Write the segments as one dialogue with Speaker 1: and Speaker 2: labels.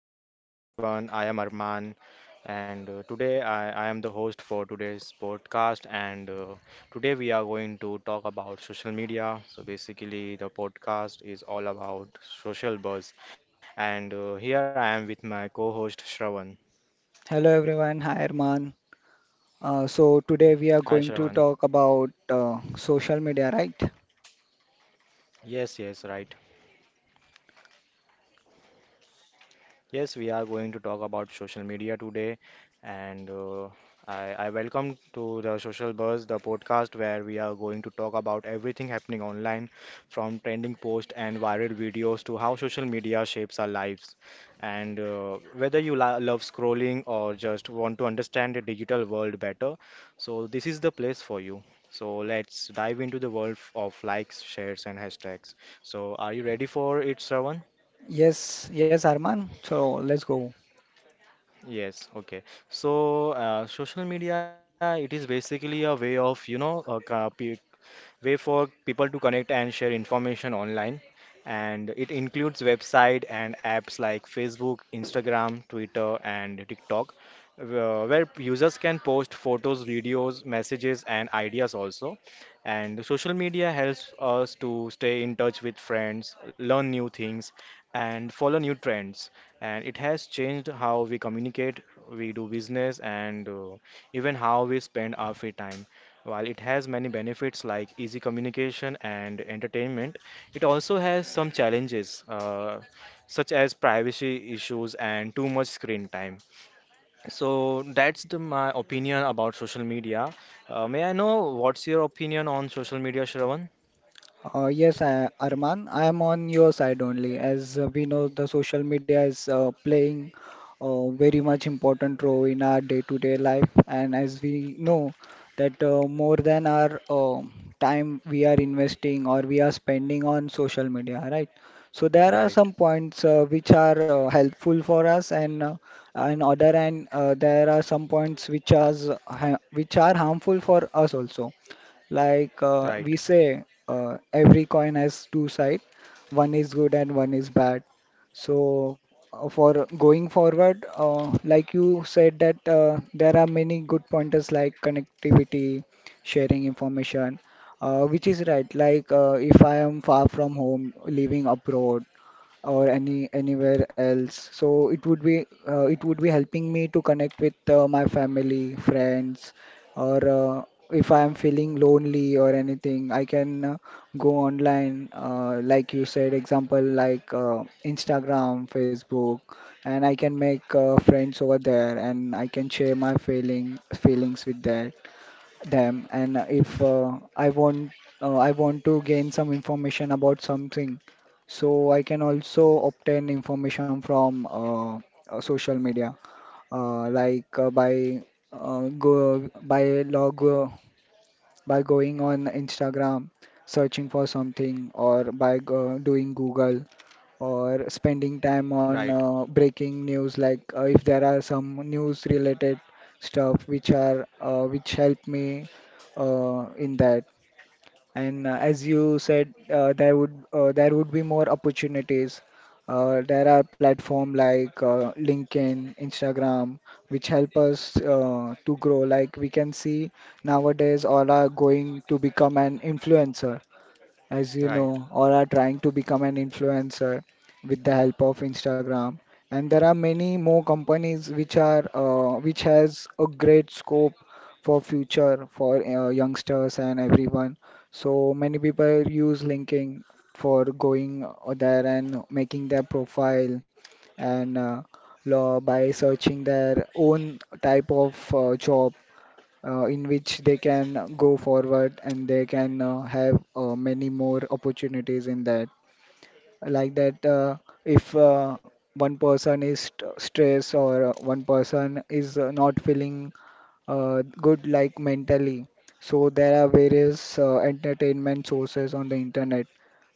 Speaker 1: So, hi everyone, I am Arman, and today I am the host for today's podcast. And today we are going to talk about social media. So, basically, the podcast is all about social buzz. And here I am with my co host Shravan.
Speaker 2: Hello everyone, hi Arman. So today we
Speaker 1: Hi,
Speaker 2: are going
Speaker 1: Shravan.
Speaker 2: to talk about social media, right?
Speaker 1: Yes, yes, right. Yes, we are going to talk about social media today, and I welcome to the Social Buzz, the podcast where we are going to talk about everything happening online, from trending posts and viral videos to how social media shapes our lives. And whether you love scrolling or just want to understand the digital world better, so this is the place for you. So let's dive into the world of likes, shares, and hashtags. So, are you ready for it, Shravan?
Speaker 2: Yes, yes, Arman. So let's go.
Speaker 1: Yes, okay. So, social media, it is basically a way of, way for people to connect and share information online. And it includes website and apps like Facebook, Instagram, Twitter, and TikTok, where users can post photos, videos, messages, and ideas also. And social media helps us to stay in touch with friends, learn new things, and follow new trends. And it has changed how we communicate, we do business, and even how we spend our free time. While it has many benefits like easy communication and entertainment, it also has some challenges, such as privacy issues and too much screen time. So that's my opinion about social media. May I know what's your opinion on social media, Shravan?
Speaker 2: Yes, I, Arman, I am on your side only. As we know, the social media is playing a very much important role in our day-to-day life, and as we know that more than our time we are investing or we are spending on social media, right? So there are
Speaker 1: Right,
Speaker 2: some points which are helpful for us, and on other hand, there are some points which are harmful for us also. Like
Speaker 1: right,
Speaker 2: we say, every coin has two sides. One is good and one is bad. So for going forward, like you said that there are many good pointers like connectivity, sharing information, which is right. Like if I am far from home, living abroad, or anywhere else. So it would be helping me to connect with my family, friends, or if I am feeling lonely or anything, I can go online, like you said, example like Instagram, Facebook, and I can make friends over there, and I can share my feelings with that them, and if I want to gain some information about something, so I can also obtain information from social media like by go by log by going on Instagram, searching for something, or by doing Google, or spending time
Speaker 1: right,
Speaker 2: on breaking news. Like if there are some news related stuff which are which help me in that. And as you said there would be more opportunities. Uh, there are platform like LinkedIn, Instagram, which help us to grow. Like we can see nowadays, all are going to become an influencer, as you
Speaker 1: right,
Speaker 2: know, or are trying to become an influencer with the help of Instagram. And there are many more companies which are which has a great scope for future for youngsters and everyone. So many people use LinkedIn for going there and making their profile, and by searching their own type of job in which they can go forward and they can have many more opportunities in that. Like that, if one person is st stressed, or one person is not feeling good, like mentally, so there are various entertainment sources on the internet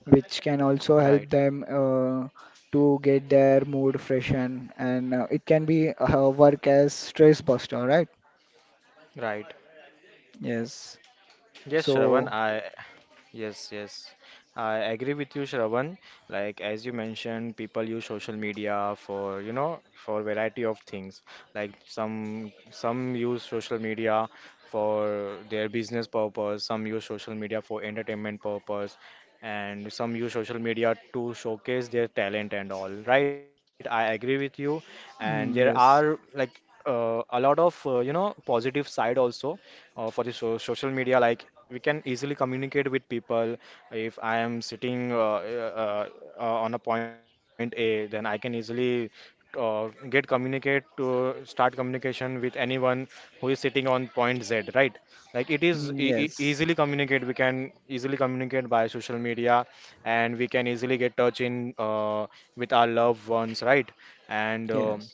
Speaker 2: which can also
Speaker 1: right,
Speaker 2: help them to get their mood freshen, and it can be work as stress buster, right?
Speaker 1: right.
Speaker 2: Yes.
Speaker 1: Yes, Shravan,
Speaker 2: So.
Speaker 1: I Yes, yes. I agree with you, Shravan. Like as you mentioned, people use social media for, you know, for variety of things. Like some use social media for their business purpose, some use social media for entertainment purpose, and some use social media to showcase their talent and all. Right? I agree with you. And
Speaker 2: Mm,
Speaker 1: there
Speaker 2: yes.
Speaker 1: are like a lot of you know positive side also for the social media, like we can easily communicate with people if I am sitting uh, uh, on a point A, then I can easily uh, get communicate to start communication with anyone who is sitting on point Z, right? Like it is
Speaker 2: Mm,
Speaker 1: easily
Speaker 2: yes.
Speaker 1: communicate, we can easily communicate by social media, and we can easily get touch in with our loved ones, right? And
Speaker 2: Yes.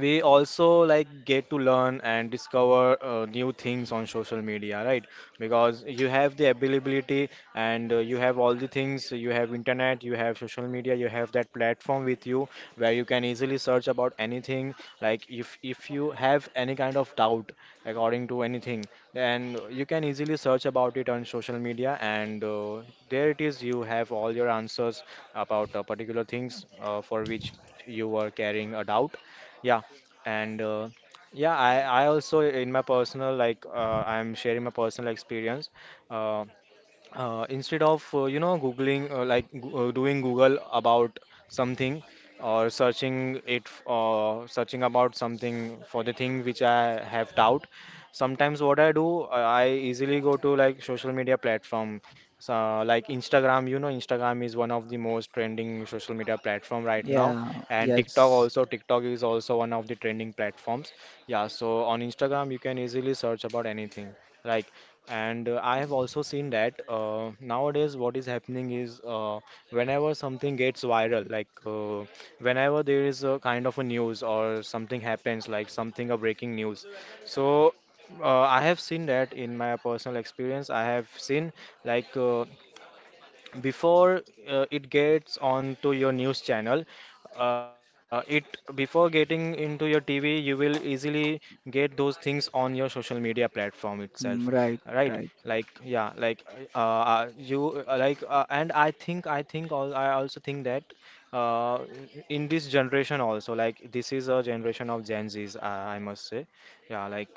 Speaker 1: we also like get to learn and discover new things on social media, right? Because you have the availability, and you have all the things, you have internet, you have social media, you have that platform with you, where you can easily search about anything. Like if you have any kind of doubt according to anything, then you can easily search about it on social media, and there it is, you have all your answers about particular things for which you were carrying a doubt. Yeah, and yeah, I also in my personal, like I'm sharing my personal experience. Uh, instead of you know googling doing google about something, or searching it searching about something for the thing which I have doubt, sometimes what I do, I easily go to like social media platform. So like Instagram, you know Instagram is one of the most trending social media platform right now,
Speaker 2: Yeah.
Speaker 1: and TikTok
Speaker 2: Yes.
Speaker 1: also, TikTok is also one of the trending platforms. Yeah, so on Instagram you can easily search about anything, like, and I have also seen that nowadays what is happening is whenever something gets viral, like whenever there is a kind of a news or something happens, like something a breaking news. So I have seen that in my personal experience. I have seen, like before it gets onto your news channel, it before getting into your TV, you will easily get those things on your social media platform itself,
Speaker 2: Mm, right.
Speaker 1: right?
Speaker 2: Right.
Speaker 1: Like yeah, like you like and I think all I also think that uh, in this generation also, like this is a generation of Gen Z's, I must say. Yeah, like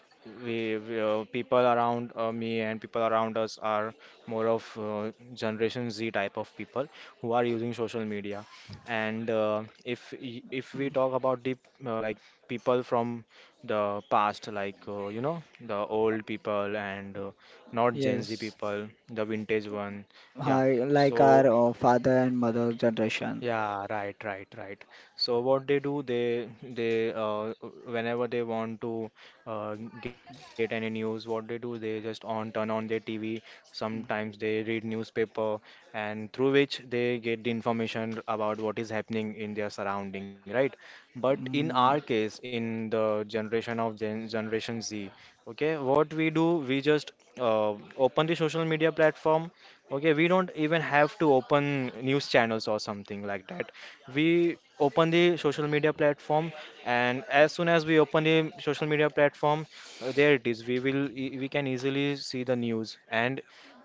Speaker 1: we people around me and people around us are more of Generation Z type of people who are using social media. And if we talk about the uh, like people from the past, like you know the old people and not Gen Z
Speaker 2: Yes.
Speaker 1: people, the vintage one, yeah.
Speaker 2: Hi, like
Speaker 1: So
Speaker 2: our father and mother generation.
Speaker 1: yeah, right, right, right. So what they do, they whenever they want to get any news, what they do, they just on turn on their TV. Sometimes they read newspaper, and through which they get the information about what is happening in their surrounding, right? But in
Speaker 2: Mm,
Speaker 1: our case, in the generation of Generation Z, okay, what we do, we just open the social media platform. Okay, we don't even have to open news channels or something like that. We open the social media platform, and as soon as we open the social media platform, there it is. We will we can easily see the news, and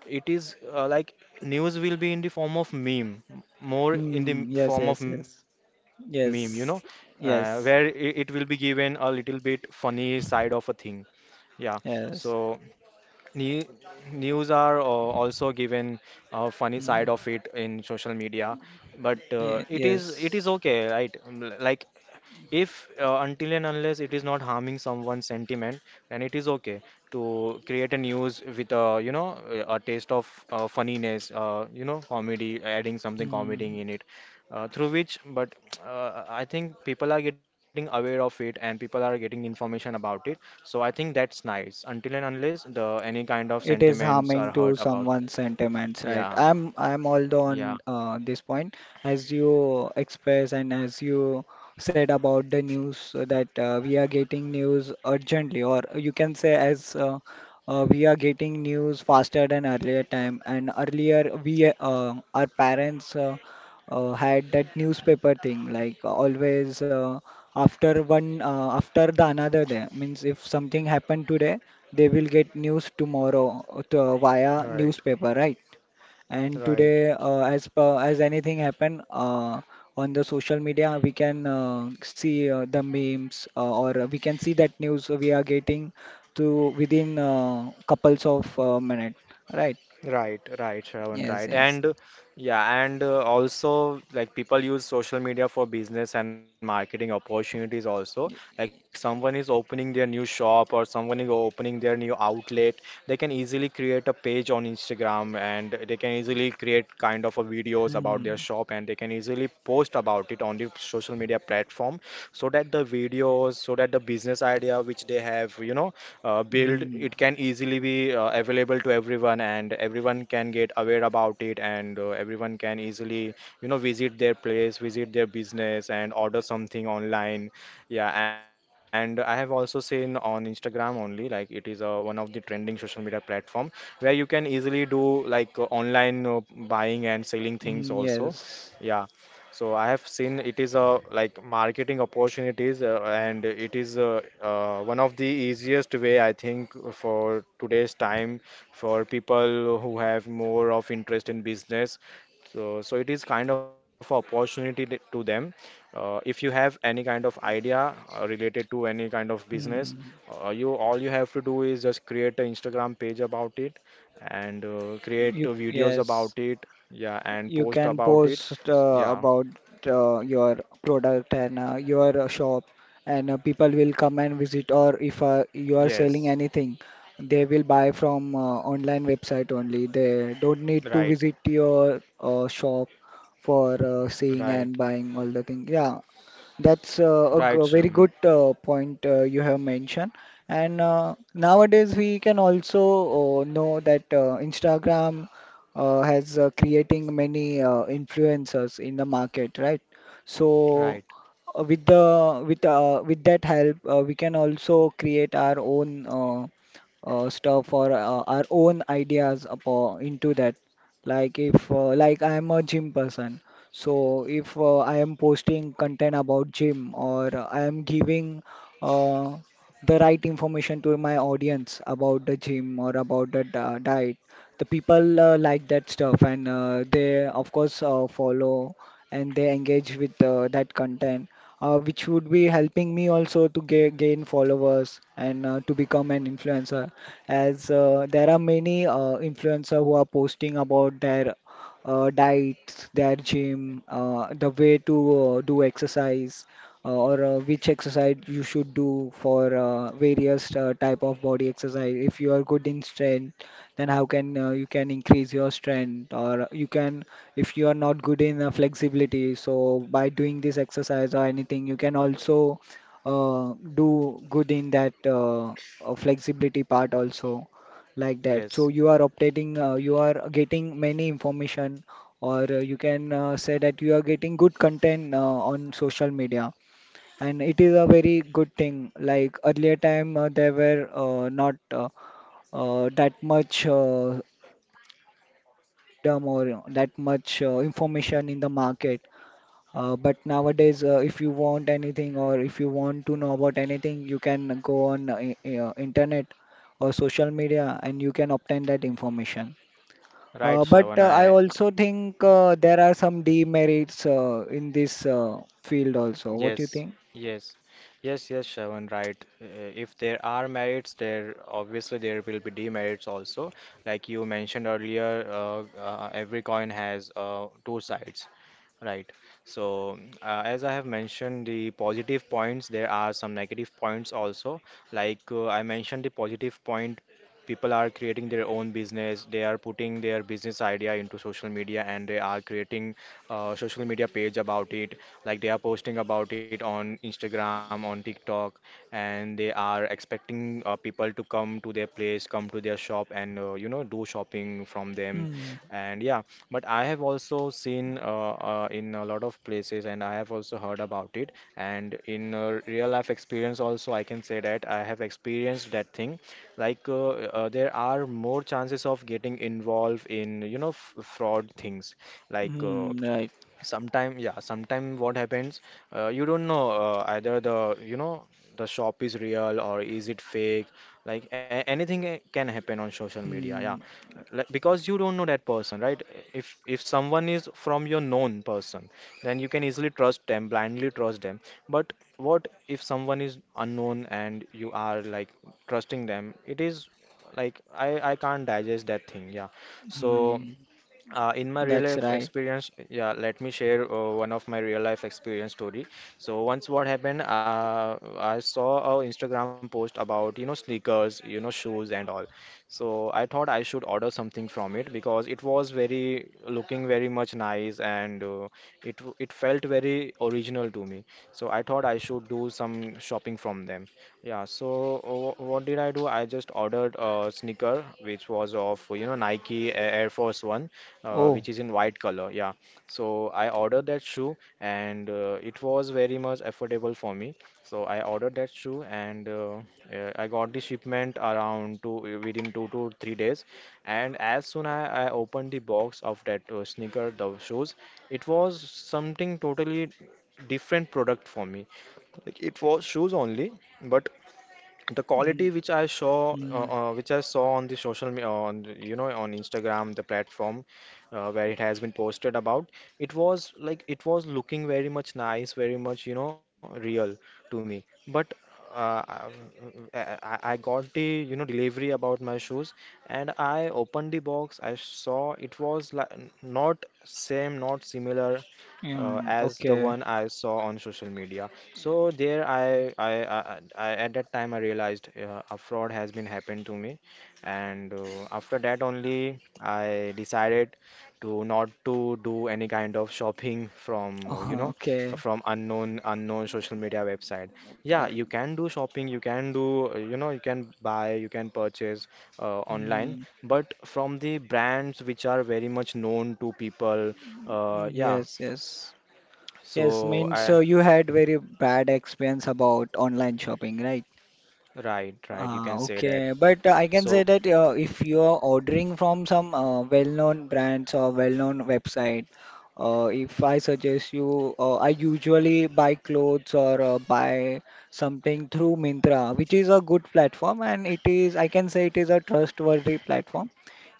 Speaker 1: it is like news will be in the form of meme, more in the
Speaker 2: mm, yes.
Speaker 1: form of
Speaker 2: Yes.
Speaker 1: meme, you
Speaker 2: Yes.
Speaker 1: know, where
Speaker 2: Yes.
Speaker 1: it will be
Speaker 2: Yes.
Speaker 1: given a little bit funny side of a thing. Yeah, so.
Speaker 2: Yes.
Speaker 1: Ne- news are also given a funny side of it
Speaker 2: Mm,
Speaker 1: in social media, but it is
Speaker 2: yes.
Speaker 1: okay, right? Like if until and unless it is not harming someone's sentiment, then it is okay to create a news with a you know a taste of funniness, you know comedy, adding something
Speaker 2: Mm,
Speaker 1: comedy in it, through which, but I think people are getting aware of it and people are getting information about it, so I think that's nice, until and unless the any kind of
Speaker 2: it is
Speaker 1: sentiments are
Speaker 2: harming
Speaker 1: hurt
Speaker 2: to
Speaker 1: about.
Speaker 2: someone's
Speaker 1: Yeah,
Speaker 2: sentiments, right? I'm all
Speaker 1: yeah.
Speaker 2: on this point, as you express and as you said about the news. That we are getting news urgently, or you can say as we are getting news faster than earlier time. And earlier we our parents had that newspaper thing, like always after the another day. Means if something happened today, they will get news tomorrow via
Speaker 1: Right,
Speaker 2: newspaper, right? And
Speaker 1: right.
Speaker 2: today, as per, as anything happen on the social media, we can see the memes or we can see that news. We are getting to within couples of minute, right?
Speaker 1: Right, right, Shravan,
Speaker 2: Yes,
Speaker 1: right.
Speaker 2: yes.
Speaker 1: And yeah, and also like people use social media for business and marketing opportunities also. Like someone is opening their new shop or someone is opening their new outlet, they can easily create a page on Instagram, and they can easily create kind of a videos about
Speaker 2: Hmm.
Speaker 1: their shop, and they can easily post about it on the social media platform, so that the videos, so that the business idea which they have, you know, build,
Speaker 2: Hmm.
Speaker 1: it can easily be available to everyone, and everyone can get aware about it, and everyone can easily you know visit their place, visit their business, and order something online. Yeah, and I have also seen on Instagram only, like it is one of the trending social media platform where you can easily do like online buying and selling things
Speaker 2: Hmm.
Speaker 1: also.
Speaker 2: Yes.
Speaker 1: Yeah, so I have seen it is like marketing opportunities, and it is one of the easiest way I think for today's time, for people who have more of interest in business. So, so it is kind of opportunity to them. If you have any kind of idea related to any kind of business,
Speaker 2: Hmm.
Speaker 1: you all you have to do is just create an Instagram page about it, and create videos about
Speaker 2: Yes.
Speaker 1: it, yeah, and
Speaker 2: You
Speaker 1: post
Speaker 2: can
Speaker 1: about it.
Speaker 2: post
Speaker 1: Yeah,
Speaker 2: about your product and your shop, and people will come and visit. Or if you are selling
Speaker 1: yes,
Speaker 2: anything, they will buy from online website only. They don't need to
Speaker 1: right,
Speaker 2: visit your shop for seeing and
Speaker 1: right,
Speaker 2: buying all the things. Yeah, that's a
Speaker 1: right,
Speaker 2: very good
Speaker 1: Shravan,
Speaker 2: point you have mentioned. And nowadays we can also know that Instagram has creating many influencers in the market, right? So
Speaker 1: right,
Speaker 2: with the with that help, we can also create our own stuff or our own ideas upon into that. Like if like I am a gym person, so if I am posting content about gym, or I am giving uh, the right information to my audience about the gym or about the diet, the people like that stuff, and they of course follow and they engage with that content, which would be helping me also to ga gain followers and to become an influencer. As there are many influencer who are posting about their diets, their gym, the way to do exercise, or which exercise you should do for various type of body exercise. If you are good in strength, then how can you can increase your strength, or you can, if you are not good in flexibility. So by doing this exercise or anything, you can also do good in that flexibility part also, like that. So
Speaker 1: yes,
Speaker 2: you are updating, you are getting many information, or you can say that you are getting good content on social media. And it is a very good thing. Like earlier time, there were not that much, you can say that freedom, or that much information in the market. But nowadays, if you want anything, or if you want to know about anything, you can go on internet or social media, and you can obtain that information.
Speaker 1: right,
Speaker 2: But
Speaker 1: Shravan.
Speaker 2: I also think there are some demerits in this field also. What do you
Speaker 1: Yes,
Speaker 2: think?
Speaker 1: yes, yes, yes, Shravan, right. If there are merits, there obviously there will be demerits also. Like you mentioned earlier, every coin has two sides. Right. So, as I have mentioned the positive points, there are some negative points also. Like I mentioned the positive point, people are creating their own business, they are putting their business idea into social media, and they are creating social media page about it. Like they are posting about it on Instagram, on TikTok, and they are expecting people to come to their place, come to their shop, and you know do shopping from them.
Speaker 2: Hmm.
Speaker 1: And yeah, but I have also seen in a lot of places, and I have also heard about it. And in real life experience, also, I can say that I have experienced that thing. Like, there are more chances of getting involved in, you know, f fraud things. Like,
Speaker 2: Hmm. Right.
Speaker 1: sometime what happens, you don't know, either the you know the shop is real or is it fake. Like anything can happen on social media, yeah.
Speaker 2: Hmm.
Speaker 1: Like, because you don't know that person, right? If someone is from your known person, then you can easily trust them, blindly trust them. But what if someone is unknown and you are, like, trusting them? It is like I can't digest that thing, yeah. So,
Speaker 2: Hmm.
Speaker 1: in my real
Speaker 2: That's
Speaker 1: life
Speaker 2: right.
Speaker 1: experience, yeah, let me share one of my real life experience story. So once, what happened, I saw a Instagram post about, sneakers, shoes and all. So I thought I should order something from it because it was very looking very much nice, and it felt very original to me. So I thought I should do some shopping from them. Yeah. So what did I do? I just ordered a sneaker which was of, Nike Air Force One,
Speaker 2: Oh.
Speaker 1: which is in white color. Yeah. So I ordered that shoe, and it was very much affordable for me. So I ordered that shoe, and I got the shipment around two within 2 to 3 days. And as soon as I opened the box of that sneaker, the shoes, it was something totally different product for me. Like it was shoes only, but the
Speaker 2: Hmm.
Speaker 1: quality which I saw, uh,
Speaker 2: Hmm.
Speaker 1: uh, which I saw on the on Instagram, the platform, where it has been posted about, it was like it was looking very much nice, very much, real to me. But uh, I, I got the, delivery about my shoes, and I opened the box. I saw it was like not same, not similar, as the
Speaker 2: Okay.
Speaker 1: one I saw on social media. So there, I at that time I realized a fraud has been happened to me, and after that only I decided to not to do any kind of shopping from,
Speaker 2: okay.
Speaker 1: from unknown social media website.
Speaker 2: Uh,
Speaker 1: Yeah, you can do shopping, you can do, you can buy, you can purchase online,
Speaker 2: hmm.
Speaker 1: but from the brands which are very much known to people, yeah.
Speaker 2: Yes. Yes. Yes,
Speaker 1: So
Speaker 2: means so
Speaker 1: I—
Speaker 2: you had very bad experience about online shopping, right?
Speaker 1: right, right, you
Speaker 2: Ah,
Speaker 1: can say that.
Speaker 2: okay, but I can say
Speaker 1: So—
Speaker 2: that if you are ordering from some well-known brands or well-known website, if I suggest you, I usually buy clothes or buy something through Myntra, which is a good platform, and it is, I can say, it is a trustworthy platform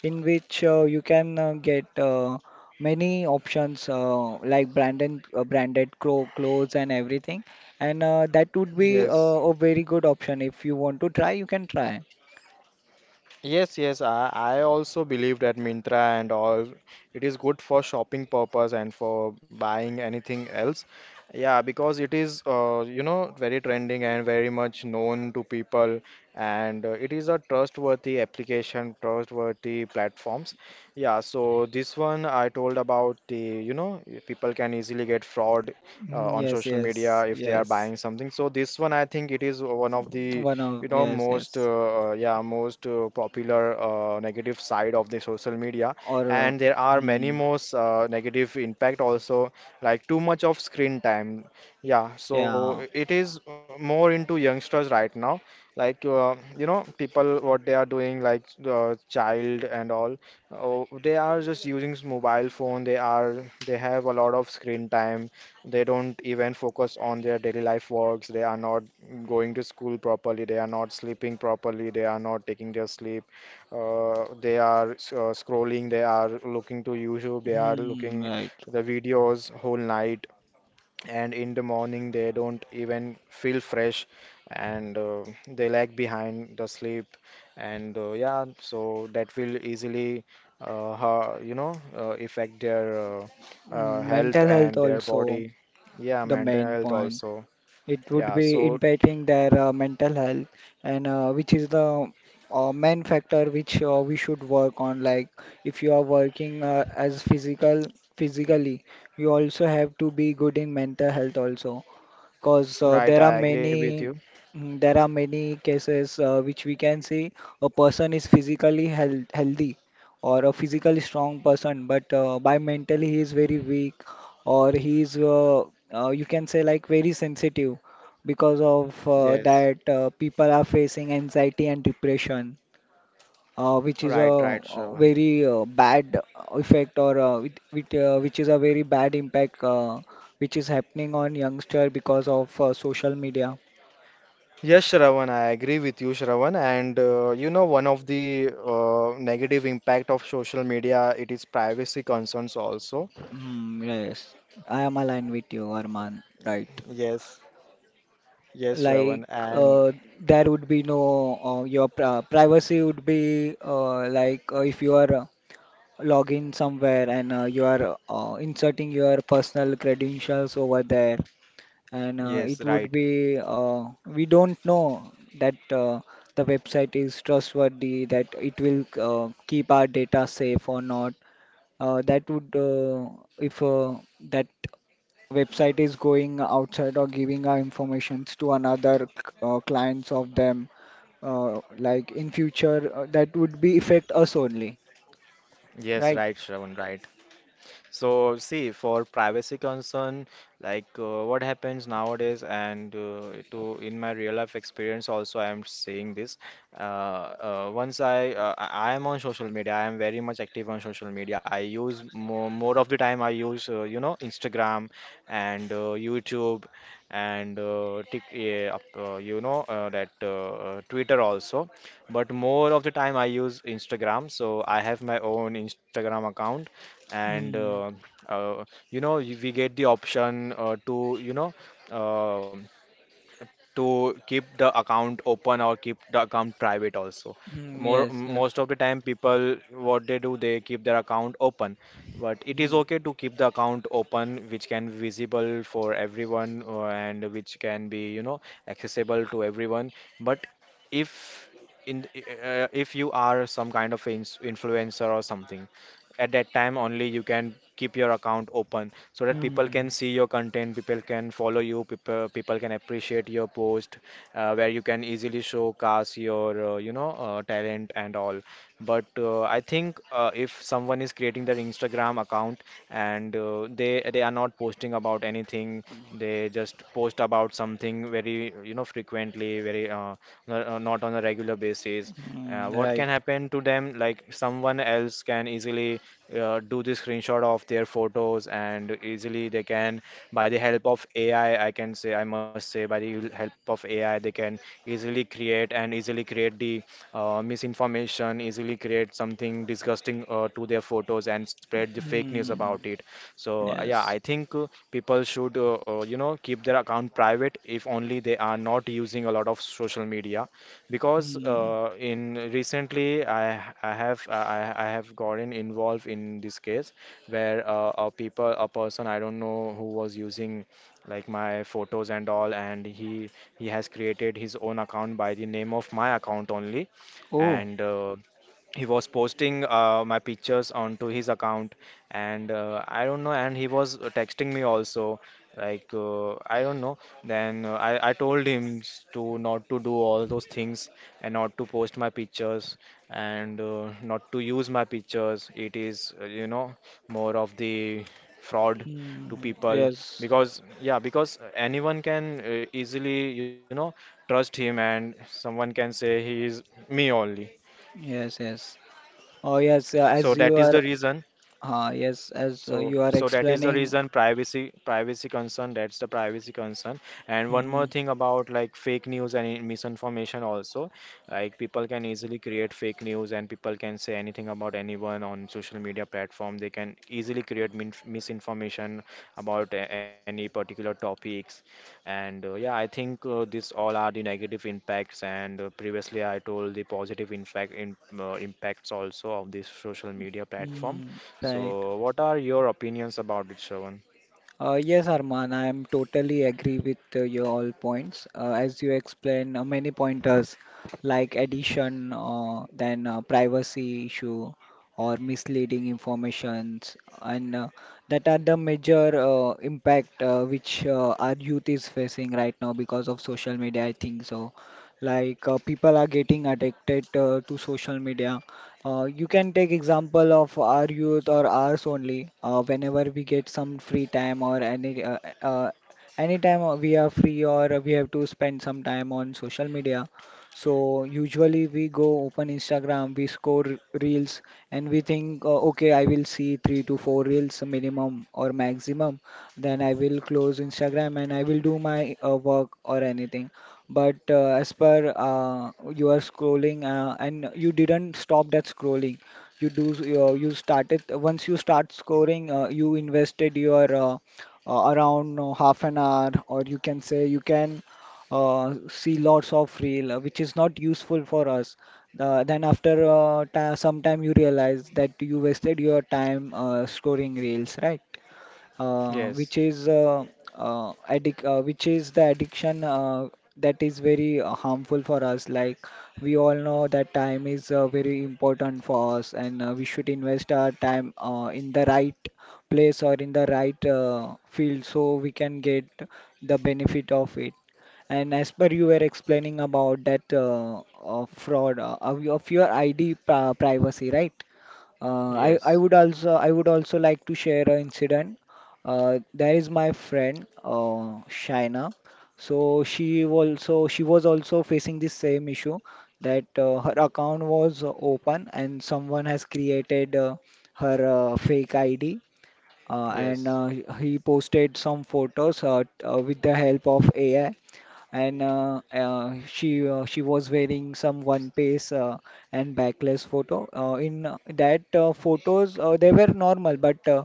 Speaker 2: in which you can get many options like branded branded clothes and everything. And that would be
Speaker 1: Yes.
Speaker 2: a very good option. If you want to try, you can try.
Speaker 1: Yes, yes, I also believe that Myntra and all, it is good for shopping purpose and for buying anything else. Yeah, because it is very trending and very much known to people, and it is a trustworthy application, trustworthy platforms. Yeah, so this one I told about the, people can easily get fraud
Speaker 2: Mm,
Speaker 1: on
Speaker 2: yes,
Speaker 1: social
Speaker 2: yes,
Speaker 1: media if they are
Speaker 2: yes.
Speaker 1: buying something. So this one I think it is one of the,
Speaker 2: One of, yes,
Speaker 1: most
Speaker 2: yes.
Speaker 1: uh, uh, yeah most uh, popular, negative side of the social media,
Speaker 2: Or
Speaker 1: and there are many
Speaker 2: mm,
Speaker 1: more negative impact also, like too much of screen time. Yeah. So
Speaker 2: yeah,
Speaker 1: it is more into youngsters right now. Like people, what they are doing, like child and all. Oh, they are just using mobile phone, they have a lot of screen time. They don't even focus on their daily life works. They are not going to school properly. They are not sleeping properly. They are not taking their sleep. They are scrolling. They are looking to YouTube. They are
Speaker 2: mm,
Speaker 1: looking
Speaker 2: right.
Speaker 1: the videos whole night, and in the morning they don't even feel fresh, and they lag behind the sleep, and yeah, so that will easily affect their
Speaker 2: Mm,
Speaker 1: health
Speaker 2: mental health
Speaker 1: and their
Speaker 2: also,
Speaker 1: body. Yeah,
Speaker 2: the
Speaker 1: mental
Speaker 2: main
Speaker 1: health
Speaker 2: point.
Speaker 1: also.
Speaker 2: It would
Speaker 1: Yeah.
Speaker 2: be
Speaker 1: So
Speaker 2: impacting their mental health, and which is the main factor which we should work on. Like if you are working as physically, you also have to be good in mental health also, because
Speaker 1: right, I
Speaker 2: there are
Speaker 1: agree with you.
Speaker 2: many mm, there are many cases which we can see a person is physically healthy or a physically strong person, but by mentally he is very weak, or he is you can say, like, very sensitive. Because of
Speaker 1: Yes.
Speaker 2: that people are facing anxiety and depression, which is a,
Speaker 1: Right, right, Shravan.
Speaker 2: very bad effect, or which is a very bad impact which is happening on youngster because of social media.
Speaker 1: Yes, Shravan, I agree with you, Shravan. And one of the negative impact of social media, it is privacy concerns also.
Speaker 2: Mm, yes, I am aligned with you, Arman. Right.
Speaker 1: Yes, yes,
Speaker 2: Like
Speaker 1: Shravan. And
Speaker 2: uh, there would be no your privacy would be like if you are logging somewhere and you are inserting your personal credentials over there, and
Speaker 1: yes,
Speaker 2: it would
Speaker 1: right.
Speaker 2: be we don't know that the website is trustworthy, that it will keep our data safe or not. That would if that website is going outside or giving our informations to another clients of them, like in future that would be affect us only,
Speaker 1: Yes,
Speaker 2: right.
Speaker 1: right, Shravan, right. So, see, for privacy concern, like what happens nowadays, and to in my real life experience also, I am saying this. Once I am on social media, I am very much active on social media. I use more, more of the time. I use, Instagram and YouTube and Tik, yeah, up- you know, that Twitter also. But more of the time, I use Instagram. So I have my own Instagram account, and
Speaker 2: Hmm.
Speaker 1: uh, we get the option to, um to keep the account open, or keep the account private also.
Speaker 2: Hmm. Yes. Yes.
Speaker 1: Most of the time, people, what they do, they keep their account open. But it is
Speaker 2: Hmm.
Speaker 1: okay to keep the account open, which can be visible for everyone, and which can be, accessible to everyone. But if in if you are some kind of ins influencer or something, at that time only you can keep your account open, so that people
Speaker 2: Hmm.
Speaker 1: can see your content, people can follow you, people can appreciate your post, where you can easily showcase your talent and all. But I think if someone is creating their Instagram account, and they are not posting about anything, they just post about something very, frequently, very not on a regular basis.
Speaker 2: Mm,
Speaker 1: What can
Speaker 2: right.
Speaker 1: happen to them, like someone else can easily do the screenshot of their photos, and easily they can, by the help of AI, I can say, I must say, by the help of AI, they can easily create and easily create the misinformation, easily create something disgusting to their photos, and spread the fake news
Speaker 2: Hmm.
Speaker 1: about it. So, yeah, I
Speaker 2: Yes.
Speaker 1: think people should, keep their account private if only they are not using a lot of social media, because
Speaker 2: Hmm.
Speaker 1: in recently I have gotten involved in this case, where a person I don't know, who was using like my photos and all, and he has created his own account by the name of my account only,
Speaker 2: Oh.
Speaker 1: and he was posting my pictures onto his account, and I don't know, and he was texting me also, like, I don't know. Then I told him to not to do all those things, and not to post my pictures, and not to use my pictures. It is, more of the fraud to
Speaker 2: Hmm.
Speaker 1: people,
Speaker 2: Yes.
Speaker 1: because, yeah, because anyone can easily, trust him, and someone can say he is me only.
Speaker 2: Yes. Yes. Oh, yes,
Speaker 1: So
Speaker 2: as
Speaker 1: that
Speaker 2: you
Speaker 1: is
Speaker 2: are,
Speaker 1: the reason.
Speaker 2: yes, as you are
Speaker 1: That is the
Speaker 2: explaining.
Speaker 1: reason: privacy concern. That's the privacy concern. And one
Speaker 2: Hmm.
Speaker 1: more thing about, like, fake news and misinformation also. Like people can easily create fake news, and people can say anything about anyone on social media platform. They can easily create min misinformation about any particular topics. And yeah, I think these all are the negative impacts. And previously I told the positive impacts also of this social media platform.
Speaker 2: Hmm. Right.
Speaker 1: So, what are your opinions about it, Shravan?
Speaker 2: Yes, Arman, I am totally agree with your all points. As you explain, many pointers like addition, then privacy issue or misleading informations, and that are the major impact which our youth is facing right now because of social media. I think so. Like people are getting addicted to social media. Uh, you can take example of our youth or ours only. Whenever we get some free time or any anytime we are free or we have to spend some time on social media, so usually we go open Instagram, we score reels, and we think, okay, I will see three to four reels minimum or maximum. Then I will close Instagram and I will do my work or anything. But as per you are scrolling and you didn't stop that scrolling. You started once you start scoring, you invested your around half an hour, or you can say you can see lots of reel which is not useful for us. Then after ta some time you realize that you wasted your time scoring reels, right? uh, which
Speaker 1: Yes,
Speaker 2: is uh, which is the addiction that is very harmful for us. Like we all know that time is very important for us, and we should invest our time in the right place or in the right field so we can get the benefit of it. And as per you were explaining about that fraud of your ID privacy, right?
Speaker 1: yes,
Speaker 2: I would also like to share an incident. There is my friend, Shaina. So she was also facing the same issue that her account was open and someone has created her fake ID uh, and
Speaker 1: yes,
Speaker 2: uh, he he posted some photos with the help of AI. And she was wearing some one piece and backless photo. In that photos they were normal, but uh,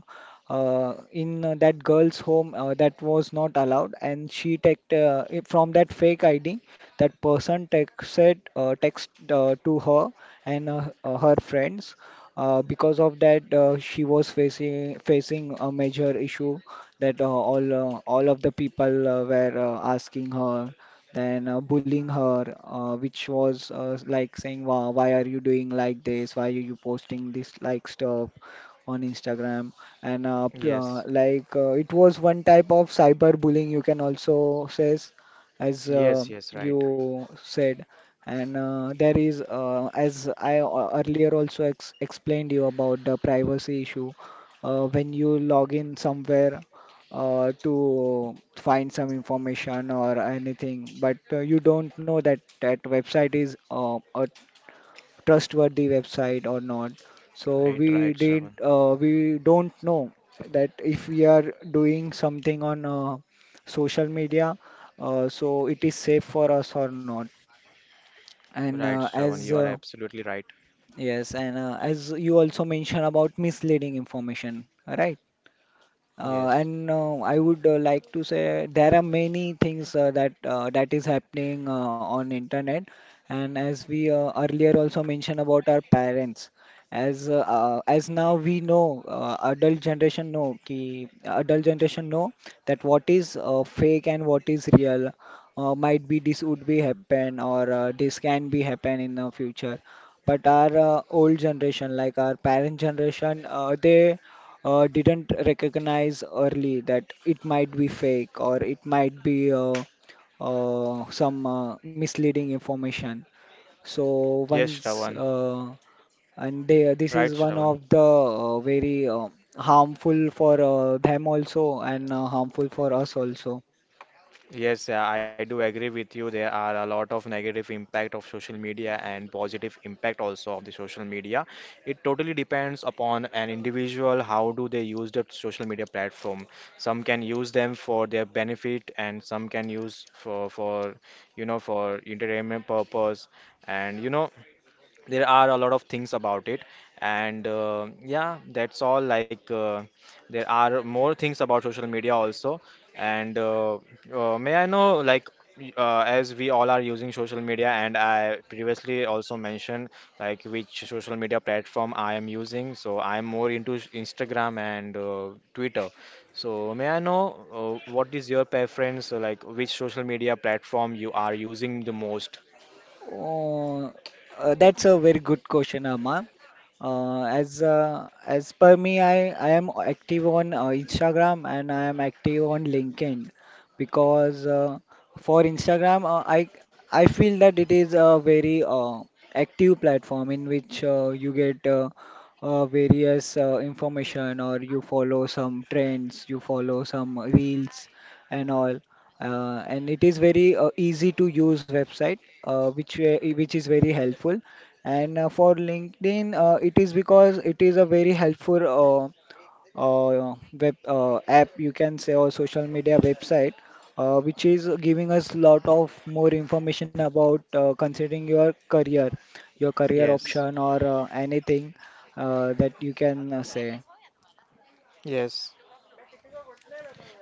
Speaker 2: uh, in uh, that girl's home that was not allowed, and she took it from that fake ID that person texted text to her and her friends. Because of that, she was facing a major issue that all of the people were asking her, then bullying her, which was like saying, "Why are you doing like this? Why are you posting this like stuff on Instagram?" And
Speaker 1: yes.
Speaker 2: like it was one type of cyber bullying, you can also says as
Speaker 1: Yes, yes, right,
Speaker 2: you said. And there is, as I earlier also ex explained you about the privacy issue, when you log in somewhere to find some information or anything, but you don't know that that website is a trustworthy website or not. So
Speaker 1: right,
Speaker 2: we
Speaker 1: right,
Speaker 2: did
Speaker 1: Shravan.
Speaker 2: uh, we don't know that if we are doing something on social media, so it is safe for us or not. And
Speaker 1: Right, Shravan, you
Speaker 2: as
Speaker 1: are absolutely right.
Speaker 2: yes, and as you also mentioned about misleading information, right?
Speaker 1: Yes,
Speaker 2: And I would like to say there are many things that is happening on internet. And as we earlier also mentioned about our parents, as now we know, adult generation know ki adult generation know that what is fake and what is real. Might be this would be happen or this can be happen in the future. But our old generation, like our parent generation, they didn't recognize early that it might be fake or it might be some misleading information. So
Speaker 1: yes,
Speaker 2: once
Speaker 1: Shravan,
Speaker 2: uh, this
Speaker 1: right,
Speaker 2: is one
Speaker 1: Shravan.
Speaker 2: of the very harmful for them also and harmful for us also.
Speaker 1: Yes, I do agree with you. There are a lot of negative impact of social media, and positive impact also of the social media. It totally depends upon an individual how do they use the social media platform. Some can use them for their benefit, and some can use for, for entertainment purpose. And there are a lot of things about it, and yeah, that's all. Like there are more things about social media also, and may I know, like, as we all are using social media, and I previously also mentioned like which social media platform I am using, so I am more into Instagram and Twitter. So may I know what is your preference, like which social media platform you are using the most?
Speaker 2: Oh, that's a very good question, Amma. As per me, I am active on Instagram and I am active on LinkedIn because for Instagram, I feel that it is a very active platform in which you get various information or you follow some trends, you follow some reels and all and it is very easy to use website which is very helpful and for LinkedIn it is because it is a very helpful web app you can say or social media website which is giving us lot of more information about considering your career
Speaker 1: Yes.
Speaker 2: option or anything that you can say
Speaker 1: Yes.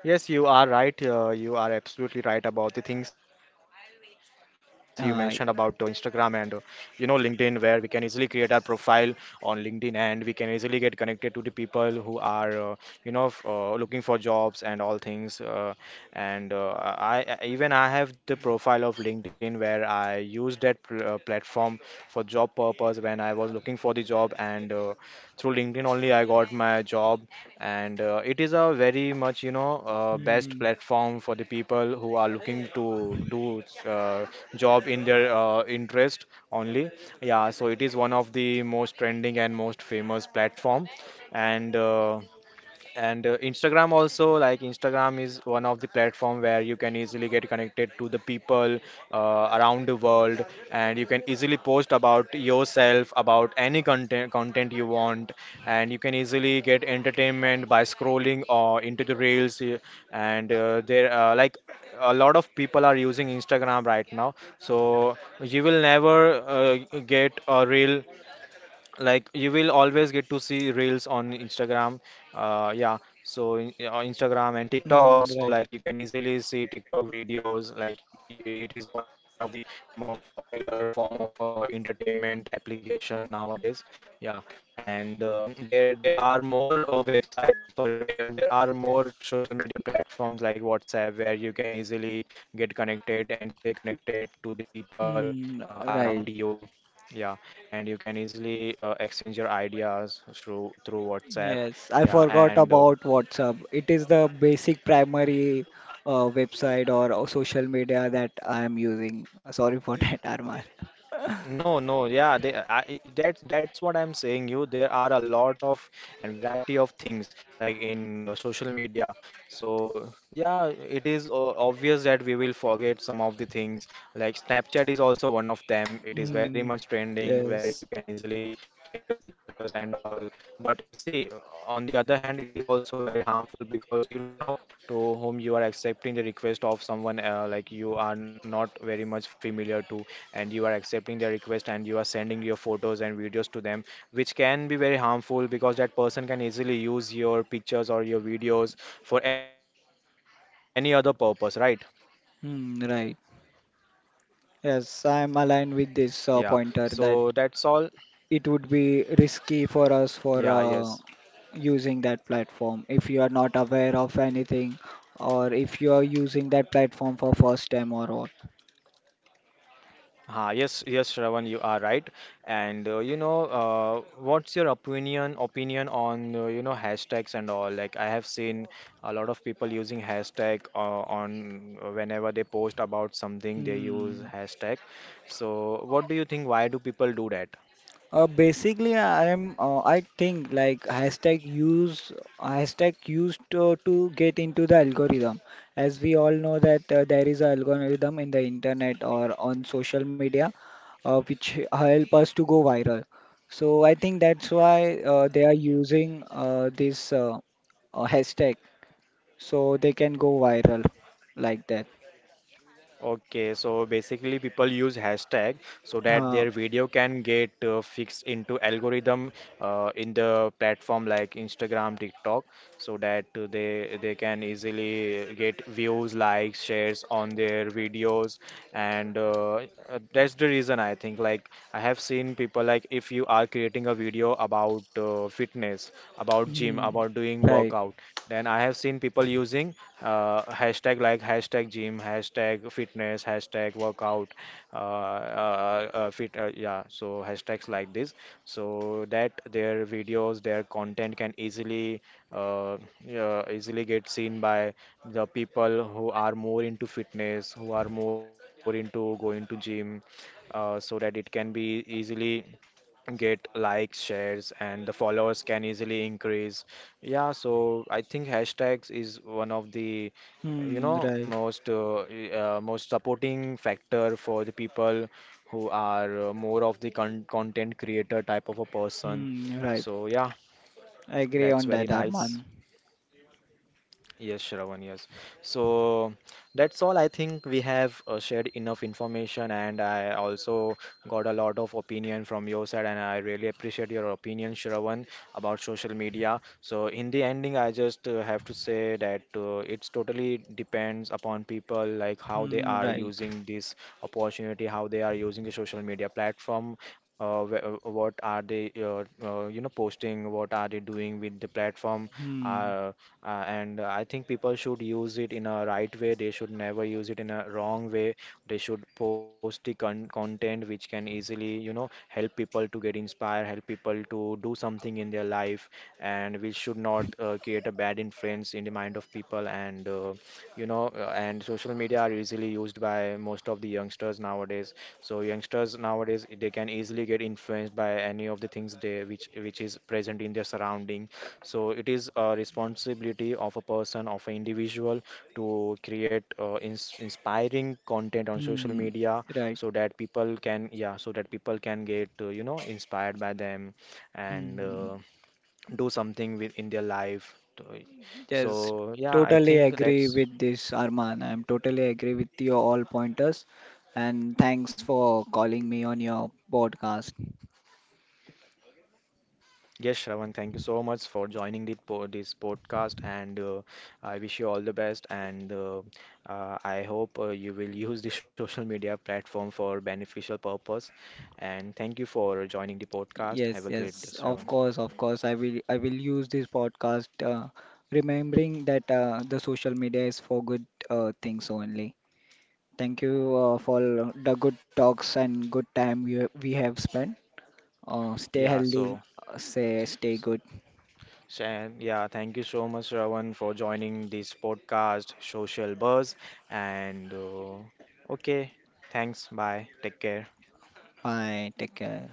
Speaker 1: Yes, you are right. You are absolutely right about the things you mentioned about Instagram and
Speaker 2: uh,
Speaker 1: LinkedIn, where we can easily create our profile on LinkedIn, and we can easily get connected to the people who are looking for jobs and all things. And Even I have the profile of LinkedIn where I used that pl platform for job purpose when I was looking for the job, and through LinkedIn only I got my job. And uh, it is a very much best
Speaker 2: mm,
Speaker 1: platform for the people who are looking to do uh, job in their interest only. Yeah, so it is one of the most trending and most famous platform. And uh, and uh, instagram also, like Instagram is one of the platform where you can easily get connected to the people around the world, and you can easily post about yourself, about any content you want. And you can easily get entertainment by scrolling or into the reels and there Like a lot of people are using Instagram right now. So you will never get a real, like you will always get to see reels on Instagram. On Instagram and TikTok
Speaker 2: mm,
Speaker 1: also,
Speaker 2: right
Speaker 1: like you can easily see TikTok videos. Like it is one of the most popular form of entertainment application nowadays. Yeah. And there are more website sorry where there are more social media platforms like WhatsApp, where you can easily get connected and stay connected to the people
Speaker 2: mm,
Speaker 1: around
Speaker 2: right
Speaker 1: you. Yeah. And you can easily exchange your ideas through WhatsApp.
Speaker 2: Yes, I
Speaker 1: Yeah,
Speaker 2: forgot
Speaker 1: and
Speaker 2: about WhatsApp. It is the basic primary website or social media that I am using. Sorry for that, Arman.
Speaker 1: No, no, yeah, that's what I'm saying you. There are a lot of and variety of things like in social media. So yeah, it is obvious that we will forget some of the things. Like Snapchat is also one of them. It is very
Speaker 2: Mm,
Speaker 1: much trending where you
Speaker 2: yes.
Speaker 1: can easily share your pictures and all. But see, on the other hand, it is also very harmful because you don't know to whom you are accepting the request of someone, like you are not very much familiar to, and you are accepting their request and you are sending your photos and videos to them, which can be very harmful because that person can easily use your pictures or your videos for any other purpose, right?
Speaker 2: Hmm, right. Yes, I am aligned
Speaker 1: Yeah.
Speaker 2: with this
Speaker 1: So that's
Speaker 2: pointer
Speaker 1: all.
Speaker 2: that it would be risky for
Speaker 1: Yeah,
Speaker 2: us
Speaker 1: yes.
Speaker 2: for using that platform if you are not aware of anything or if you are using that platform for first time or what.
Speaker 1: Ah, yes, yes, Shravan, you are right. And what's your opinion on hashtags and all? Like I have seen a lot of people using hashtag on whenever they post about something, they use
Speaker 2: Hmm.
Speaker 1: hashtag. So what do you think? Why do people do that?
Speaker 2: Basically, I am. I think like hashtag used to get into the algorithm. As we all know that there is an algorithm in the internet or on social media, which help us to go viral. So I think that's why they are using this hashtag so they can go viral like that.
Speaker 1: Okay, so basically people use hashtag so that
Speaker 2: Uh,
Speaker 1: their video can get fixed into algorithm in the platform like Instagram, TikTok, so that they can easily get views, likes, shares on their videos, and that's the reason. I think, like, I have seen people, like if you are creating a video about fitness, about gym,
Speaker 2: hmm,
Speaker 1: about doing
Speaker 2: right.
Speaker 1: workout, then I have seen people using hashtag like hashtag gym, hashtag fitness, hashtag workout. Yeah, so hashtags like this, so that their videos, their content can easily, uh, yeah, easily get seen by the people who are more into fitness, who are more into going to gym, so that it can be easily get likes, shares, and the followers can easily increase. Yeah, so I think hashtags is one of the you
Speaker 2: Hmm,
Speaker 1: know
Speaker 2: right.
Speaker 1: most uh, y- uh, most supporting factor for the people who are more of the content creator type of a person.
Speaker 2: Hmm, right.
Speaker 1: So yeah,
Speaker 2: I agree
Speaker 1: that's
Speaker 2: on
Speaker 1: very
Speaker 2: that,
Speaker 1: nice.
Speaker 2: Arman.
Speaker 1: Yes, Shravan, yes. So that's all. I think we have shared enough information, and I also got a lot of opinion from your side, and I really appreciate your opinion, Shravan, about social media. So in the ending, I just have to say that it's totally depends upon people, like how they
Speaker 2: Hmm,
Speaker 1: are
Speaker 2: right.
Speaker 1: using this opportunity, how they are using the social media platform, what are they, posting, what are they doing with the platform.
Speaker 2: Hmm.
Speaker 1: Uh, and I think people should use it in a right way. They should never use it in a wrong way. They should post the content which can easily, you know, help people to get inspired, help people to do something in their life. And we should not create a bad influence in the mind of people. And uh, you know uh, and social media are easily used by most of the youngsters nowadays. So youngsters nowadays, they can easily get influenced by any of the things they which is present in their surrounding. So it is a responsibility of a person, of an individual, to create inspiring content on social
Speaker 2: Hmm.
Speaker 1: media,
Speaker 2: Right.
Speaker 1: so that people can, yeah, so that people can get, inspired by them, and
Speaker 2: Hmm.
Speaker 1: uh, do something with in their life.
Speaker 2: Yes.
Speaker 1: So yeah, I
Speaker 2: Totally
Speaker 1: think
Speaker 2: agree
Speaker 1: that's.
Speaker 2: with this, Arman. I'm totally agree with your all pointers. And thanks for calling me on your podcast.
Speaker 1: Yes, Shravan, thank you so much for joining this podcast. And I wish you all the best. And I hope you will use the social media platform for beneficial purpose. And thank you for joining the podcast. Have
Speaker 2: Yes,
Speaker 1: a great day,
Speaker 2: yes.
Speaker 1: Shravan.
Speaker 2: Of course, of course. I will use this podcast remembering that the social media is for good things only. Thank you for the good talks and good time we have spent. Stay
Speaker 1: Yeah,
Speaker 2: healthy,
Speaker 1: so
Speaker 2: say stay good.
Speaker 1: yeah, thank you so much, Shravan, for joining this podcast, Social Buzz. And okay, thanks. Bye. Take care.
Speaker 2: Bye. Take care.